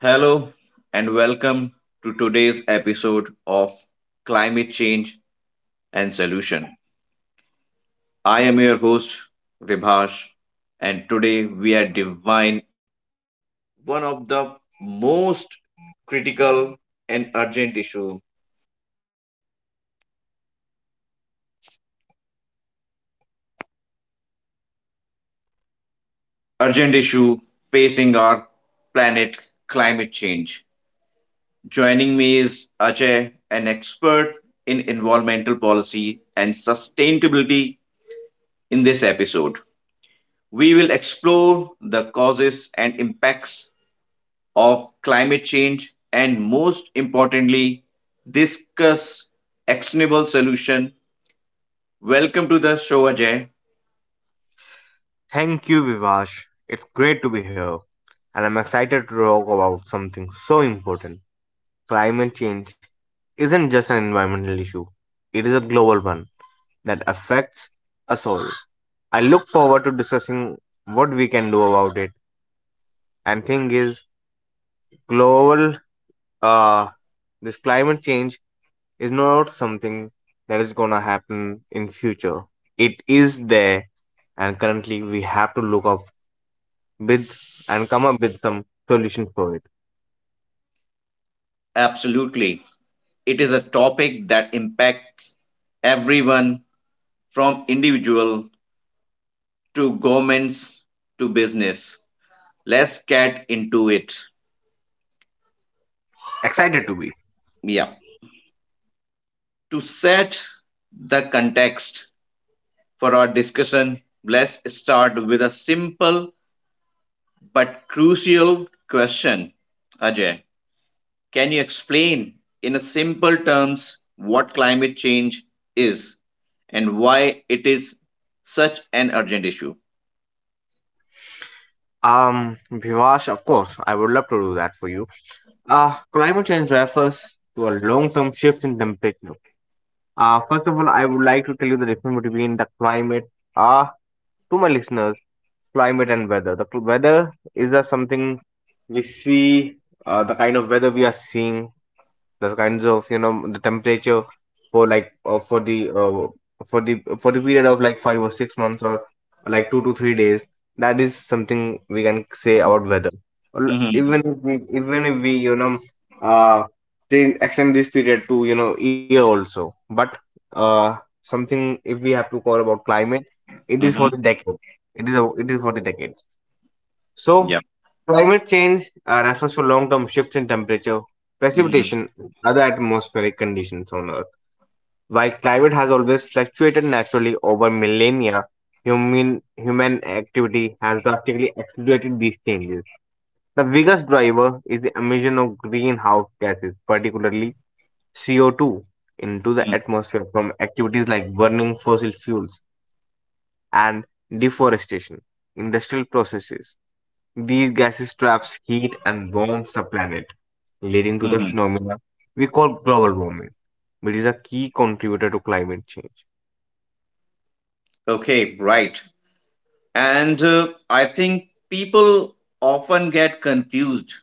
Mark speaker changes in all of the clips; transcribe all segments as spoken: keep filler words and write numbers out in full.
Speaker 1: Hello and welcome to today's episode of Climate Change and Solution. I am your host Vibhash and today we are div- issue facing our planet, climate change. Joining me is Ajay, an expert in environmental policy and sustainability in this episode. We will explore the causes and impacts of climate change and, most importantly, discuss actionable solution. Welcome to the show, Ajay.
Speaker 2: Thank you, Vivash. It's great to be here, and I'm excited to talk about something so important. Climate change isn't just an environmental issue, it is a global one that affects us all. I look forward to discussing what we can do about it. And thing is, global uh this climate change is not something that is gonna happen in future. It is there and currently we have to look up with and come up with some solutions for it.
Speaker 1: Absolutely. It is a topic that impacts everyone from individual to governments to business. Let's get into it.
Speaker 2: Excited to be.
Speaker 1: Yeah. To set the context for our discussion, let's start with a simple but crucial question. Ajay, can you explain in a simple terms what climate change is and why it is such an urgent issue?
Speaker 2: Um, Bhivash, of course, I would love to do that for you. Uh, climate change refers to a long term shift in temperature. Uh, first of all, I would like to tell you the difference between the climate, uh, to my listeners, climate and weather. The cl- weather is uh, something we see, uh, the kind of weather we are seeing, the kinds of, you know, the temperature for like uh, for the uh, for the for the period of like five or six months or like two to three days. That is something we can say about weather. Or
Speaker 1: Mm-hmm.
Speaker 2: even if we, even if we, you know, uh change, extend this period to, you know, year also, but uh something if we have to call about climate, it is for
Speaker 1: Mm-hmm.
Speaker 2: the decade. It is a, it is for the decades,
Speaker 1: Yeah.
Speaker 2: so climate change uh, refers to long term shifts in temperature,
Speaker 1: Mm-hmm.
Speaker 2: precipitation, and other atmospheric conditions on Earth. While climate has always fluctuated naturally over millennia, human, human activity has drastically accelerated these changes. The biggest driver is the emission of greenhouse gases, particularly C O two, into the atmosphere from activities like burning fossil fuels and deforestation, industrial processes. These gases traps heat and warms the planet, leading to the
Speaker 1: Mm-hmm.
Speaker 2: phenomena we call global warming, which is a key contributor to climate change.
Speaker 1: Okay, right. And uh, I think people often get confused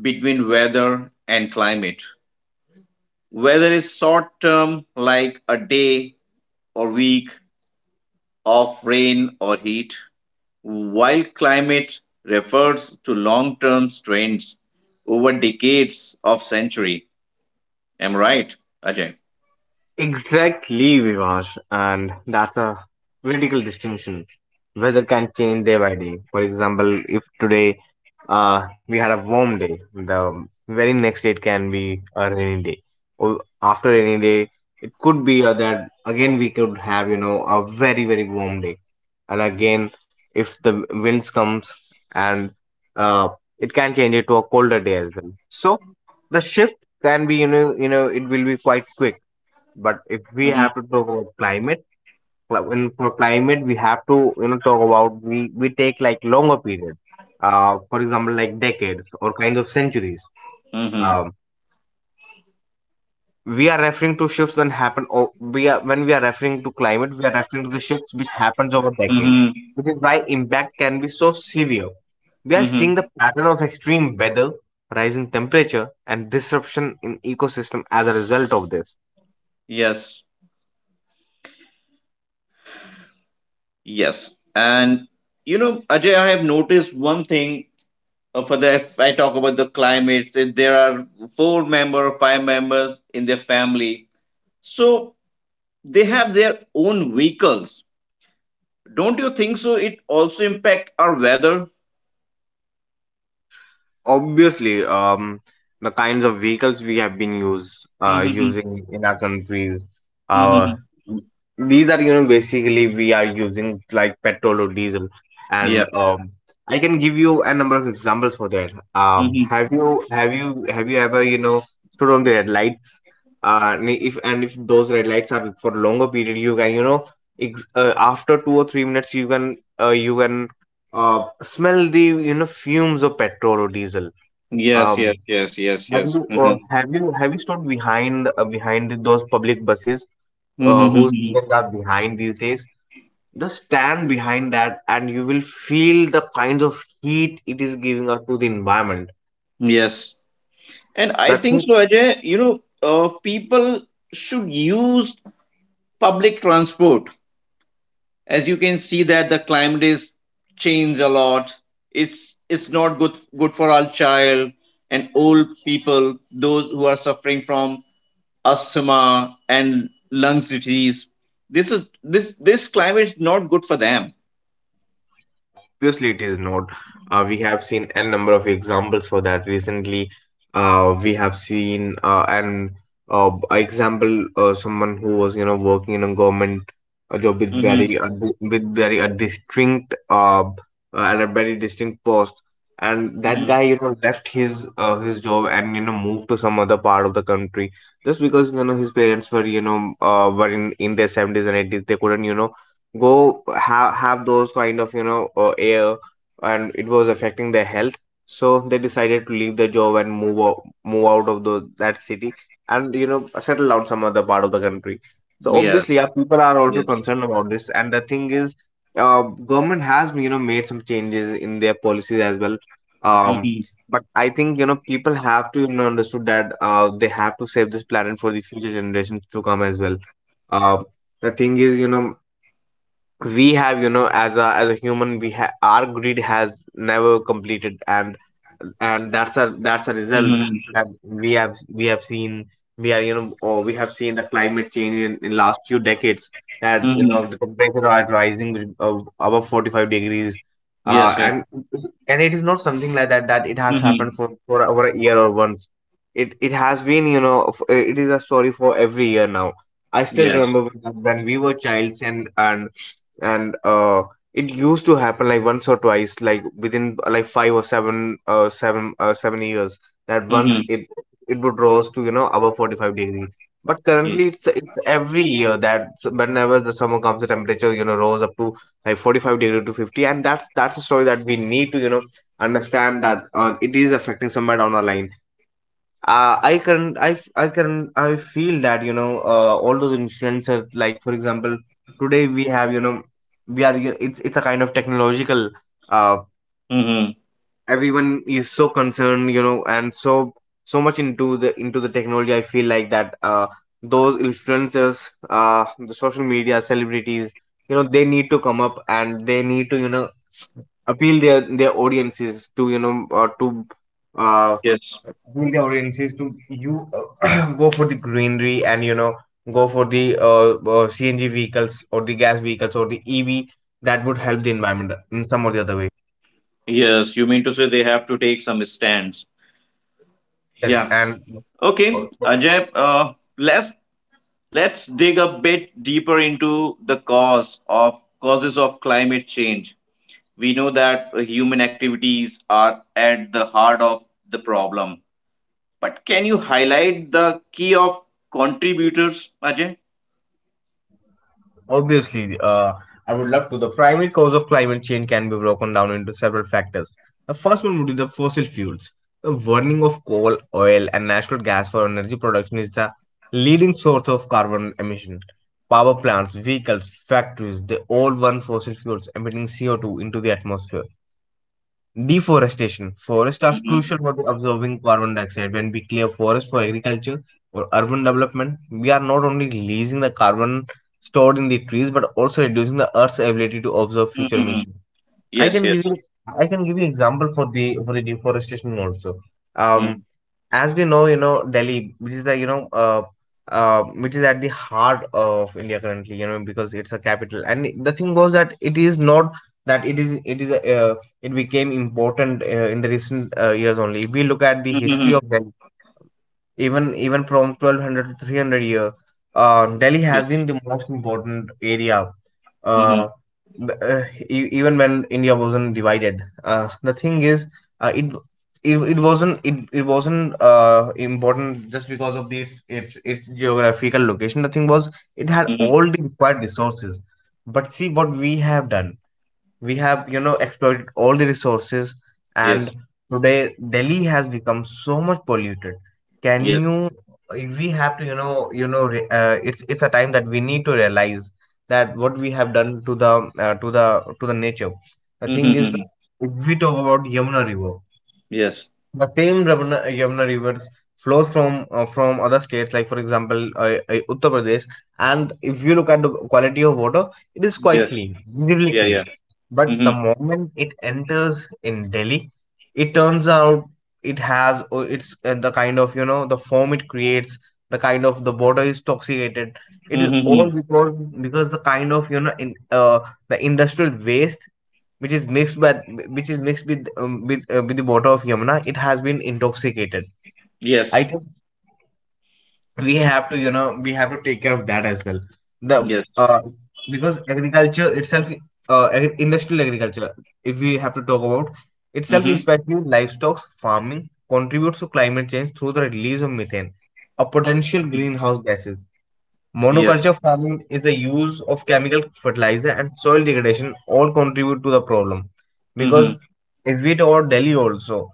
Speaker 1: between weather and climate. Weather is short term, like a day or week of rain or heat, while climate refers to long term trends over decades of century. Am I right, Ajay?
Speaker 2: Exactly, Vivash, and that's a critical distinction. Weather can change day by day. For example, if today uh, we had a warm day, the very next day it can be a rainy day. Or after rainy day, it could be uh, that again we could have, you know, a very very warm day, and again if the winds comes and uh, it can change it to a colder day as well. So the shift can be, you know you know, it will be quite quick, but if we
Speaker 1: Mm-hmm,
Speaker 2: have to talk about climate, cl- in for climate we have to, you know, talk about, we we take like longer period, uh, for example like decades or kinds of centuries.
Speaker 1: mm-hmm,
Speaker 2: Um, we are referring to shifts that happen. Or we are, when we are referring to climate, we are referring to the shifts which happens over decades,
Speaker 1: mm-hmm,
Speaker 2: which is why impact can be so severe. We are seeing
Speaker 1: mm-hmm.
Speaker 2: the pattern of extreme weather, rising temperature, and disruption in ecosystem as a result of this.
Speaker 1: Yes, yes. And you know, Ajay, I have noticed one thing. Uh, for the, if I talk about the climates, so there are four member or five members in their family, so they have their own vehicles. Don't you think so? It also impact our weather.
Speaker 2: Obviously, um the kinds of vehicles we have been use uh
Speaker 1: Mm-hmm.
Speaker 2: using in our countries, uh
Speaker 1: Mm-hmm.
Speaker 2: these are, you know, basically we are using like petrol or diesel,
Speaker 1: Yep.
Speaker 2: and um I can give you a number of examples for that. Um
Speaker 1: Mm-hmm.
Speaker 2: have you, have you have you ever, you know, stood on the red lights? Uh and if, and if those red lights are for longer period, you can, you know, ex- uh, after two or three minutes you can, uh, you can uh, smell the, you know, fumes of petrol or diesel.
Speaker 1: Yes.
Speaker 2: um,
Speaker 1: Yes. Yes. Yes.
Speaker 2: have
Speaker 1: Yes.
Speaker 2: you, uh,
Speaker 1: Mm-hmm.
Speaker 2: have you have you stood behind, uh, behind those public buses uh, whose
Speaker 1: Mm-hmm.
Speaker 2: seatings are behind these days? Just stand behind that, and you will feel the kinds of heat it is giving out to the environment.
Speaker 1: Yes. And I
Speaker 2: That's
Speaker 1: think so, Ajay. You know, uh, people should use public transport, as you can see that the climate is changed a lot. it's it's not good good for our child and old people, those who are suffering from asthma and lungs disease. This is this this climate is not good for them.
Speaker 2: Obviously, it is not. Uh, we have seen a number of examples for that recently. Uh, we have seen uh, an uh, example, uh, someone who was, you know, working in a government uh, job with
Speaker 1: Mm-hmm.
Speaker 2: very uh, with very a distinct uh, uh, and a very distinct post, and that
Speaker 1: Mm-hmm.
Speaker 2: guy, you know, left his, uh, his job and, you know, moved to some other part of the country just because, you know, his parents were, you know, uh, were in in their seventies and eighties. They couldn't, you know, go have have those kind of, you know, uh, air, and it was affecting their health, so they decided to leave their job and move out, move out of the that city and, you know, settle down some other part of the country. So
Speaker 1: Yeah.
Speaker 2: obviously, yeah, people are also
Speaker 1: Yes.
Speaker 2: concerned about this. And the thing is, uh, government has, you know, made some changes in their policies as well. um
Speaker 1: Mm-hmm.
Speaker 2: but I think, you know, people have to, you know, understood that uh, they have to save this planet for the future generations to come as well. uh, the thing is, you know, we have, you know, as a as a human, we ha- our greed has never completed, and and that's a, that's a result
Speaker 1: Mm-hmm.
Speaker 2: that we have we have seen. We are, you know, or we have seen the climate change in, in last few decades, that, you
Speaker 1: Mm-hmm.
Speaker 2: know, the temperature are rising with, uh, above forty-five degrees, uh,
Speaker 1: Yes, yes.
Speaker 2: and and it is not something like that, that it has happened
Speaker 1: Mm-hmm.
Speaker 2: for for over a year or once. It it has been, you know, f- it is a story for every year now. I still
Speaker 1: Yes.
Speaker 2: remember when when we were childs, and and and uh, it used to happen like once or twice, like within uh, like five or seven, uh, seven uh, seven years, that once
Speaker 1: Mm-hmm.
Speaker 2: it, it would rose to, you know, above forty-five degree. But currently, it's it's every year that, s- whenever the summer comes, the temperature, you know, rose up to like forty-five degree to fifty, and that's that's a story that we need to, you know, understand that uh, it is affecting somewhere down the line. uh, I can, I f- I can I feel that, you know, uh, all those influencers, like for example today, we have, you know, we are, it's it's a kind of technological uh,
Speaker 1: Mm-hmm.
Speaker 2: everyone is so concerned, you know, and so so much into the, into the technology. I feel like that uh those influencers, uh the social media celebrities, you know, they need to come up, and they need to, you know, appeal their their audiences to, you know, uh, to uh
Speaker 1: Yes,
Speaker 2: appeal their audiences to you, uh, go for the greenery, and you know, go for the, uh, uh C N G vehicles or the gas vehicles or the E V. That would help the environment in some or the other way.
Speaker 1: yes. You mean to say they have to take some stands.
Speaker 2: Yes,
Speaker 1: Yeah.
Speaker 2: and
Speaker 1: Okay,
Speaker 2: o-
Speaker 1: Ajay, uh, let's let's dig a bit deeper into the cause of causes of climate change. We know that uh, human activities are at the heart of the problem, but can you highlight the key of contributors, Ajay?
Speaker 2: obviously, uh, I would love to. The primary cause of climate change can be broken down into several factors. The first one would be the fossil fuels. The burning of coal, oil, and natural gas for energy production is the leading source of carbon emission. Power plants, vehicles, factories, they all burn fossil fuels, emitting C O two into the atmosphere. Deforestation. Forests are
Speaker 1: Mm-hmm.
Speaker 2: crucial for absorbing carbon dioxide. When we clear forests for agriculture or urban development, we are not only releasing the carbon stored in the trees but also reducing the earth's ability to absorb future
Speaker 1: Mm-hmm.
Speaker 2: emissions. I
Speaker 1: Yes,
Speaker 2: can
Speaker 1: yes.
Speaker 2: give you I can give you example for the, for the deforestation also.
Speaker 1: Mm-hmm.
Speaker 2: Um as we know, you know, Delhi, which is the, you know, uh, uh, which is at the heart of India currently, you know, because it's a capital. And the thing was that it is not that it is it is a, uh, it became important uh, in the recent uh, years only. If we look at the history
Speaker 1: Mm-hmm.
Speaker 2: of Delhi, even even from twelve hundred to three hundred year, uh, delhi has
Speaker 1: Yes.
Speaker 2: been the most important area.
Speaker 1: Mm-hmm.
Speaker 2: Uh, b- uh, e- even when india wasn't divided, uh, the thing is, uh, it, it it wasn't it, it wasn't uh, important just because of the its, its its geographical location. The thing was, it had
Speaker 1: Mm-hmm.
Speaker 2: all the required resources. But see what we have done, we have, you know, exploited all the resources, and
Speaker 1: Yes.
Speaker 2: today delhi has become so much polluted. Can
Speaker 1: Yes.
Speaker 2: you, we have to, you know, you know, re- uh, it's it's a time that we need to realize that what we have done to the uh, to the to the nature. The thing is
Speaker 1: Mm-hmm.
Speaker 2: that, if we talk about yamuna river,
Speaker 1: Yes.
Speaker 2: the same Ravana, Yamuna rivers flows from, uh, from other states, like for example, uh, uh, Uttar Pradesh. And if you look at the quality of water, it is quite
Speaker 1: Yes.
Speaker 2: clean, really
Speaker 1: Yeah,
Speaker 2: clean.
Speaker 1: yeah.
Speaker 2: But
Speaker 1: Mm-hmm.
Speaker 2: the moment it enters in Delhi, it turns out it has uh, it's uh, the kind of, you know, the foam it creates, the kind of, the water is toxicated. It is all
Speaker 1: Mm-hmm.
Speaker 2: because because the kind of, you know, in uh, the industrial waste which is mixed with, which is mixed with um, with, uh, with the water of Yamuna, it has been intoxicated. I
Speaker 1: Yes.
Speaker 2: think we have to, you know, we have to take care of that as well. The
Speaker 1: Yes.
Speaker 2: uh, because agriculture itself, uh, agri- industrial agriculture, if we have to talk about itself,
Speaker 1: Mm-hmm.
Speaker 2: especially livestock farming, contributes to climate change through the release of methane, a potential greenhouse gas.
Speaker 1: Yes.
Speaker 2: Monoculture farming is the use of chemical fertilizer and soil degradation all contribute to the problem.
Speaker 1: Mm-hmm.
Speaker 2: Because if we talk about Delhi also,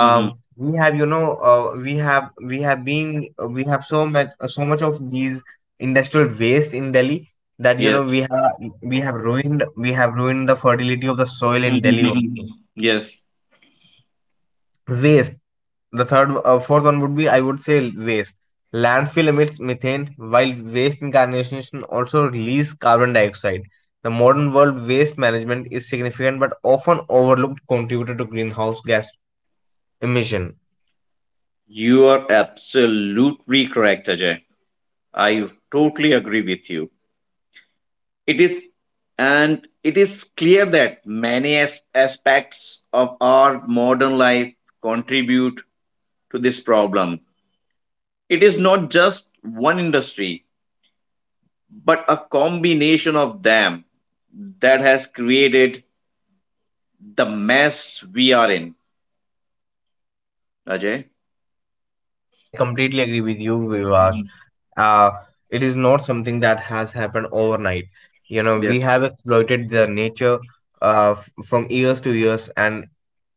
Speaker 1: Mm-hmm.
Speaker 2: we have, you know, uh, we have we have been we have so much, so much of these industrial waste in Delhi that, you
Speaker 1: Yes.
Speaker 2: know, we have, we have ruined we have ruined the fertility of the soil in
Speaker 1: Mm-hmm.
Speaker 2: Delhi
Speaker 1: Mm-hmm.
Speaker 2: also.
Speaker 1: Yes.
Speaker 2: Waste. The third, uh, fourth one would be, I would say, waste. Landfill emits methane, while waste incineration also release carbon dioxide. The modern world waste management is significant but often overlooked contributor to greenhouse gas emission.
Speaker 1: You are absolutely correct, Ajay. I totally agree with you. It is, and it is clear that many as- aspects of our modern life contribute to this problem. It is not just one industry, but a combination of them that has created the mess we are in, Ajay.
Speaker 2: Uh, I completely agree with you, Vivash.
Speaker 1: Hmm.
Speaker 2: Uh, it is not something that has happened overnight. You know,
Speaker 1: Yes.
Speaker 2: we have exploited the nature uh, f- from years to years. And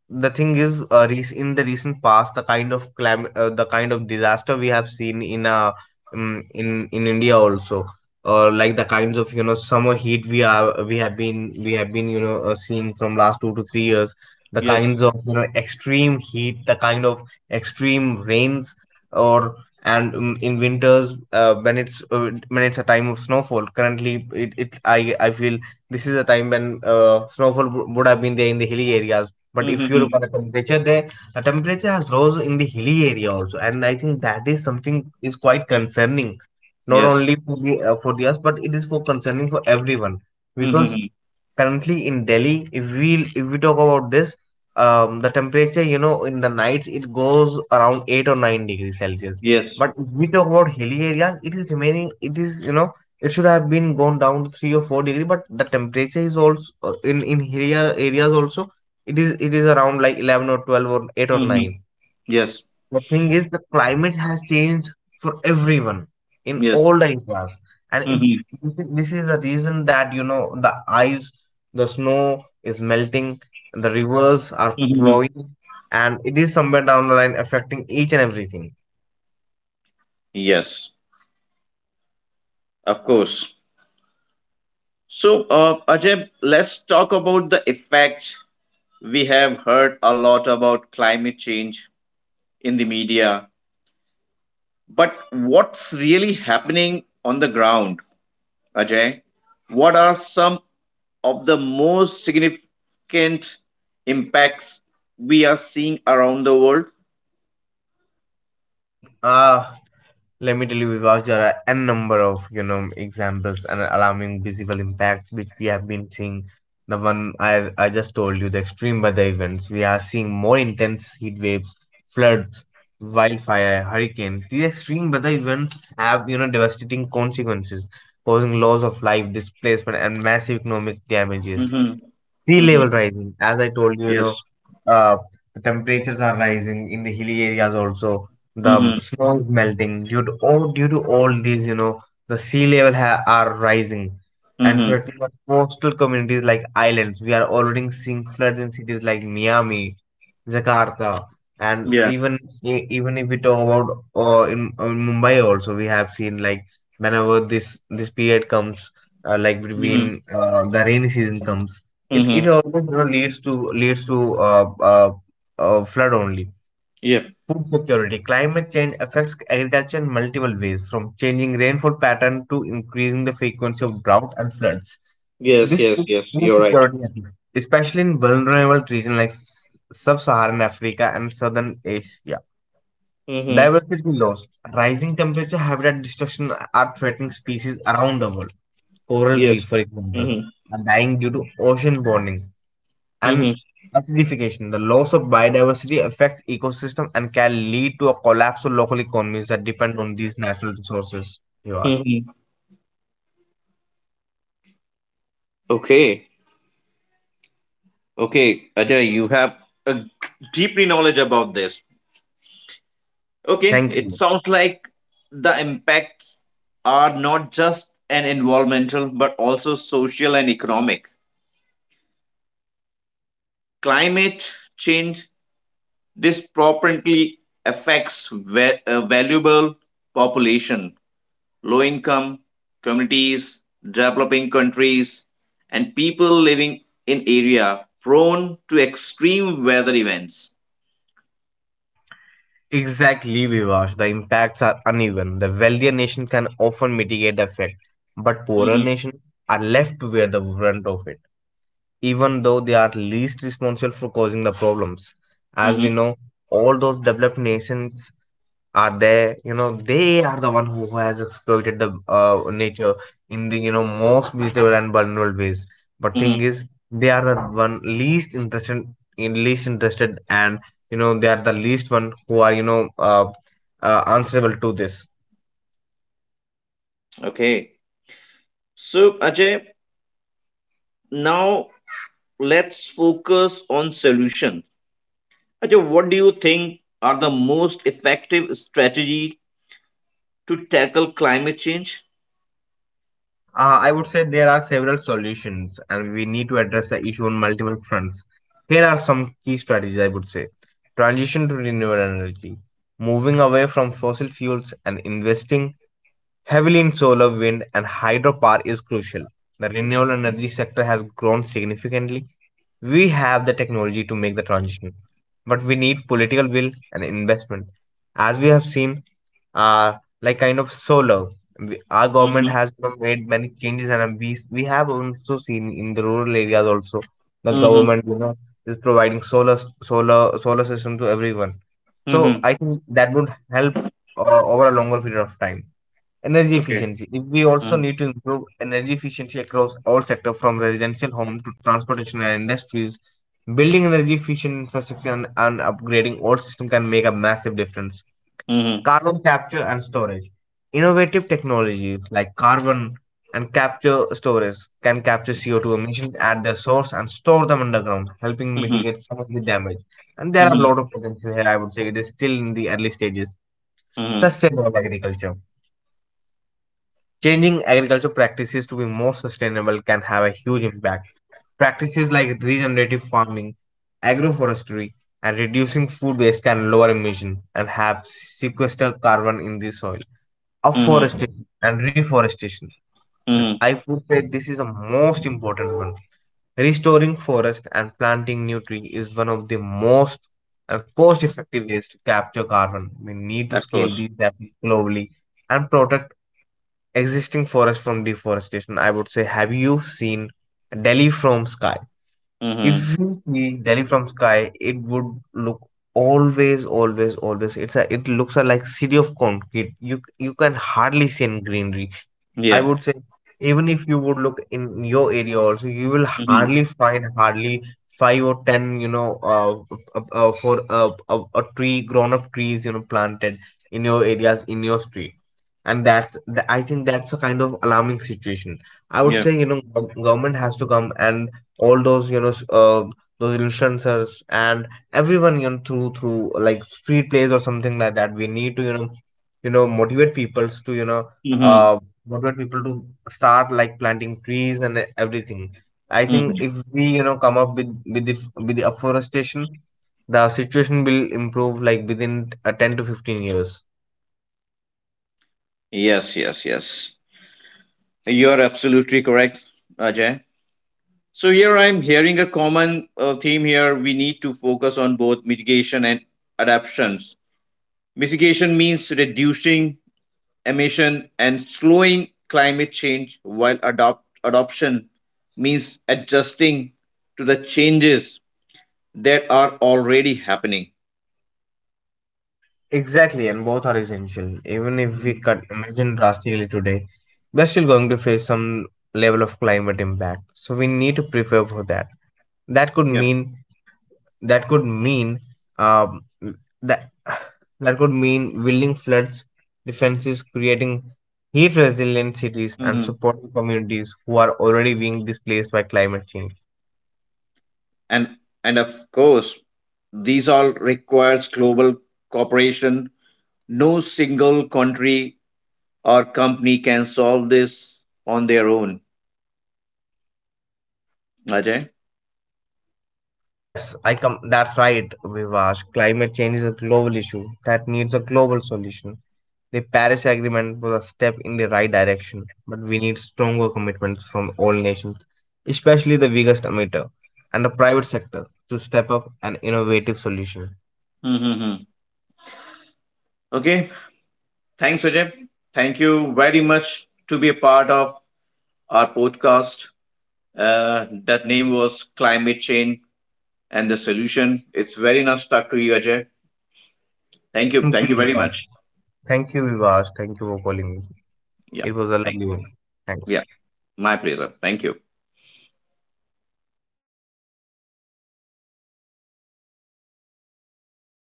Speaker 2: the thing is, uh, rec- in the recent past, the kind of clam uh, the kind of disaster we have seen in uh, um, in in India also, uh, like the kinds of, you know, summer heat we are, we have been we have been, you know, uh, seeing from last two to three years, the
Speaker 1: Yes.
Speaker 2: kinds of, you know, extreme heat, the kind of extreme rains, or, and um, in winters, uh, when it's uh, when it's a time of snowfall currently, it, it, I I feel this is a time when, uh, snowfall w- would have been there in the hilly areas. But if you
Speaker 1: Mm-hmm.
Speaker 2: look at the temperature there, the temperature has rose in the hilly area also, and I think that is something is quite concerning not
Speaker 1: Yes.
Speaker 2: only for the uh, for the us, but it is for concerning for everyone. Because
Speaker 1: Mm-hmm.
Speaker 2: currently in delhi, if we, if we talk about this, um, the temperature, you know, in the nights it goes around eight or nine degrees celsius.
Speaker 1: Yes.
Speaker 2: But if we talk about hilly areas, it is remaining, it is, you know, it should have been gone down to three or four degree, but the temperature is also, uh, in in hilly areas also, it is it is around like eleven or twelve or eight or
Speaker 1: Mm-hmm.
Speaker 2: nine.
Speaker 1: Yes.
Speaker 2: The thing is, the climate has changed for everyone in
Speaker 1: Yes.
Speaker 2: all the areas. And
Speaker 1: Mm-hmm.
Speaker 2: it, this is the reason that, you know, the ice, the snow is melting, the rivers are
Speaker 1: Mm-hmm.
Speaker 2: flowing, and it is somewhere down the line affecting each and everything.
Speaker 1: Yes. Of course. So, uh, Ajay, let's talk about the effect. We have heard a lot about climate change in the media, but what's really happening on the ground, Ajay? What are some of the most significant impacts we are seeing around the world?
Speaker 2: Uh, Let me tell you, Vikas, there are n number of, you know, examples and alarming visible impacts which we have been seeing. The one I I just told you, the extreme weather events. We are seeing more intense heat waves, floods, wildfire, hurricanes. These extreme weather events have, you know, devastating consequences, causing loss of life, displacement, and massive economic damages.
Speaker 1: Mm-hmm.
Speaker 2: Sea level
Speaker 1: Mm-hmm.
Speaker 2: rising, as I told you, you
Speaker 1: Yes.
Speaker 2: know, uh, the temperatures are rising in the hilly areas also. The
Speaker 1: Mm-hmm.
Speaker 2: snow is melting due to all, due to all these, you know, the sea level ha- are rising and
Speaker 1: Mm-hmm.
Speaker 2: threatening our coastal communities like islands. We are already seeing floods in cities like miami, jakarta, and even, e- even if we talk about, uh, in, in mumbai also, we have seen, like whenever this, this period comes, uh, like between
Speaker 1: Yeah.
Speaker 2: uh, the rainy season comes, it, it
Speaker 1: Mm-hmm.
Speaker 2: always, you know, leads to, leads to uh, uh, uh, flood only.
Speaker 1: Yep.
Speaker 2: Food security. Climate change affects agriculture in multiple ways, from changing rainfall pattern to increasing the frequency of drought and floods.
Speaker 1: Yes,
Speaker 2: This
Speaker 1: yes,
Speaker 2: puts
Speaker 1: yes.
Speaker 2: food
Speaker 1: You're right.
Speaker 2: security at risk, especially in vulnerable regions like s- sub-Saharan Africa and southern Asia.
Speaker 1: Mm-hmm.
Speaker 2: Diversity loss. Rising temperature, habitat destruction are threatening species around the world. Coral
Speaker 1: Yes.
Speaker 2: reef, for example,
Speaker 1: Mm-hmm.
Speaker 2: are dying due to ocean warming
Speaker 1: Mm-hmm.
Speaker 2: and acidification. The loss of biodiversity affects ecosystem and can lead to a collapse of local economies that depend on these natural resources. Vivash.
Speaker 1: Mm-hmm. Okay. Okay, Ajay, you have a deeply knowledge about this. Okay.
Speaker 2: Thank
Speaker 1: It
Speaker 2: you.
Speaker 1: sounds like the impacts are not just an environmental but also social and economic. Climate change disproportionately affects va- a valuable population, low income communities, developing countries, and people living in area prone to extreme weather events.
Speaker 2: Exactly, Vivash. The impacts are uneven. The wealthier nation can often mitigate the effect, but poorer
Speaker 1: Mhm,
Speaker 2: nations are left to bear the brunt of it, even though they are least responsible for causing the problems. As we
Speaker 1: mhm,
Speaker 2: know, all those developed nations are there, you know, they are the one who has exploited the, uh, nature in the, you know, most visible and vulnerable ways. But thing
Speaker 1: mhm.
Speaker 2: is, they are the one least interested in, least interested and, you know, they are the least one who are, you know, uh, uh, answerable to this.
Speaker 1: Okay. So, Ajay, now let's focus on solution. Ajay, what do you think are the most effective strategy to tackle climate change?
Speaker 2: Uh, I would say there are several solutions, and we need to address the issue on multiple fronts. Here are some key strategies, I would say: transition to renewable energy, moving away from fossil fuels and investing heavily in solar, wind, and hydropower is crucial. The renewable energy sector has grown significantly. We have the technology to make the transition, but we need political will and investment. As we have seen, uh, like kind of solar, we, our government
Speaker 1: Mhm,
Speaker 2: has, you know, made many changes, and we we have also seen in the rural areas also, the
Speaker 1: mhm,
Speaker 2: government, you know, is providing solar, solar solar system to everyone. So
Speaker 1: mhm.
Speaker 2: I think that would help uh, over a longer period of time. Energy
Speaker 1: Okay.
Speaker 2: efficiency. We also
Speaker 1: Mhm,
Speaker 2: need to improve energy efficiency across all sectors, from residential home to transportation and industries. Building energy efficient infrastructure and, and upgrading old system can make a massive difference.
Speaker 1: mhm,
Speaker 2: Carbon capture and storage. Innovative technologies like carbon and capture storage can capture C O two emissions at their source and store them underground, helping
Speaker 1: mhm,
Speaker 2: mitigate some of the damage. And there
Speaker 1: mhm,
Speaker 2: are a lot of potential here. I would say it is still in the early stages.
Speaker 1: mhm,
Speaker 2: Sustainable agriculture. Changing agriculture practices to be more sustainable can have a huge impact. Practices like regenerative farming, agroforestry, and reducing food waste can lower emission and have sequester carbon in the soil.
Speaker 1: mhm,
Speaker 2: Afforestation and reforestation.
Speaker 1: mhm.
Speaker 2: I would say this is the most important one. Restoring forest and planting new tree is one of the most cost effective ways to capture carbon. We need to
Speaker 1: Of
Speaker 2: scale these efforts globally and protect existing forest from deforestation. I would say, have you seen Delhi from sky?
Speaker 1: course.
Speaker 2: If you see Delhi from sky, it would look always, always, always. It's a, it looks a like city of concrete. You you can hardly see any greenery. I
Speaker 1: Yeah.
Speaker 2: would say even if you would look in your area also, you will
Speaker 1: Hmm.
Speaker 2: hardly find hardly five or ten, you know, uh, uh, uh, for a, a, a tree, grown up trees, you know, planted in your areas, in your street. And that's, th- I think that's a kind of alarming situation. I would
Speaker 1: Yeah.
Speaker 2: say, you know, gov- government has to come and all those, you know, s- uh, those influencers and everyone, you know, through, through like street plays or something like that. We need to, you know, you know, motivate peoples to, you know,
Speaker 1: Hmm.
Speaker 2: uh, what about people to start like planting trees and everything. I think
Speaker 1: Hmm.
Speaker 2: if we, you know, come up with, with the with the afforestation, the situation will improve like within uh, ten to fifteen years.
Speaker 1: Yes, yes, yes. You're absolutely correct, Ajay. So here I'm hearing a common uh, theme here. We need to focus on both mitigation and adaptations. Mitigation means reducing emission and slowing climate change, while adopt adoption means adjusting to the changes that are already happening.
Speaker 2: Exactly, and both are essential. Even if we
Speaker 1: Mhm.
Speaker 2: cut emission drastically today, we're still going to face some level of climate impact, so we need to prepare for that. that could
Speaker 1: Yeah.
Speaker 2: mean that could mean um, that that could mean building floods defenses, creating heat resilient cities, and
Speaker 1: Mhm.
Speaker 2: supporting communities who are already being displaced by climate change.
Speaker 1: and and of course, these all requires global cooperation. No single country or company can solve this on their own, Ajay.
Speaker 2: Yes, I come. That's right, Vivash. Climate change is a global issue that needs a global solution. The Paris Agreement was a step in the right direction, but we need stronger commitments from all nations, especially the biggest emitter and the private sector, to step up an innovative solution.
Speaker 1: Mm-hmm. Okay, thanks Ajay, thank you very much to be a part of our podcast, uh, that name was Climate Change and the Solution. It's very nice to talk to you Ajay, thank you,
Speaker 2: Thank you,
Speaker 1: thank you very
Speaker 2: Vivash.
Speaker 1: much.
Speaker 2: Thank you, Vivash. Thank you for calling me.
Speaker 1: Yeah.
Speaker 2: It was a
Speaker 1: Thank.
Speaker 2: lovely one. Thanks.
Speaker 1: Yeah, my pleasure, thank you.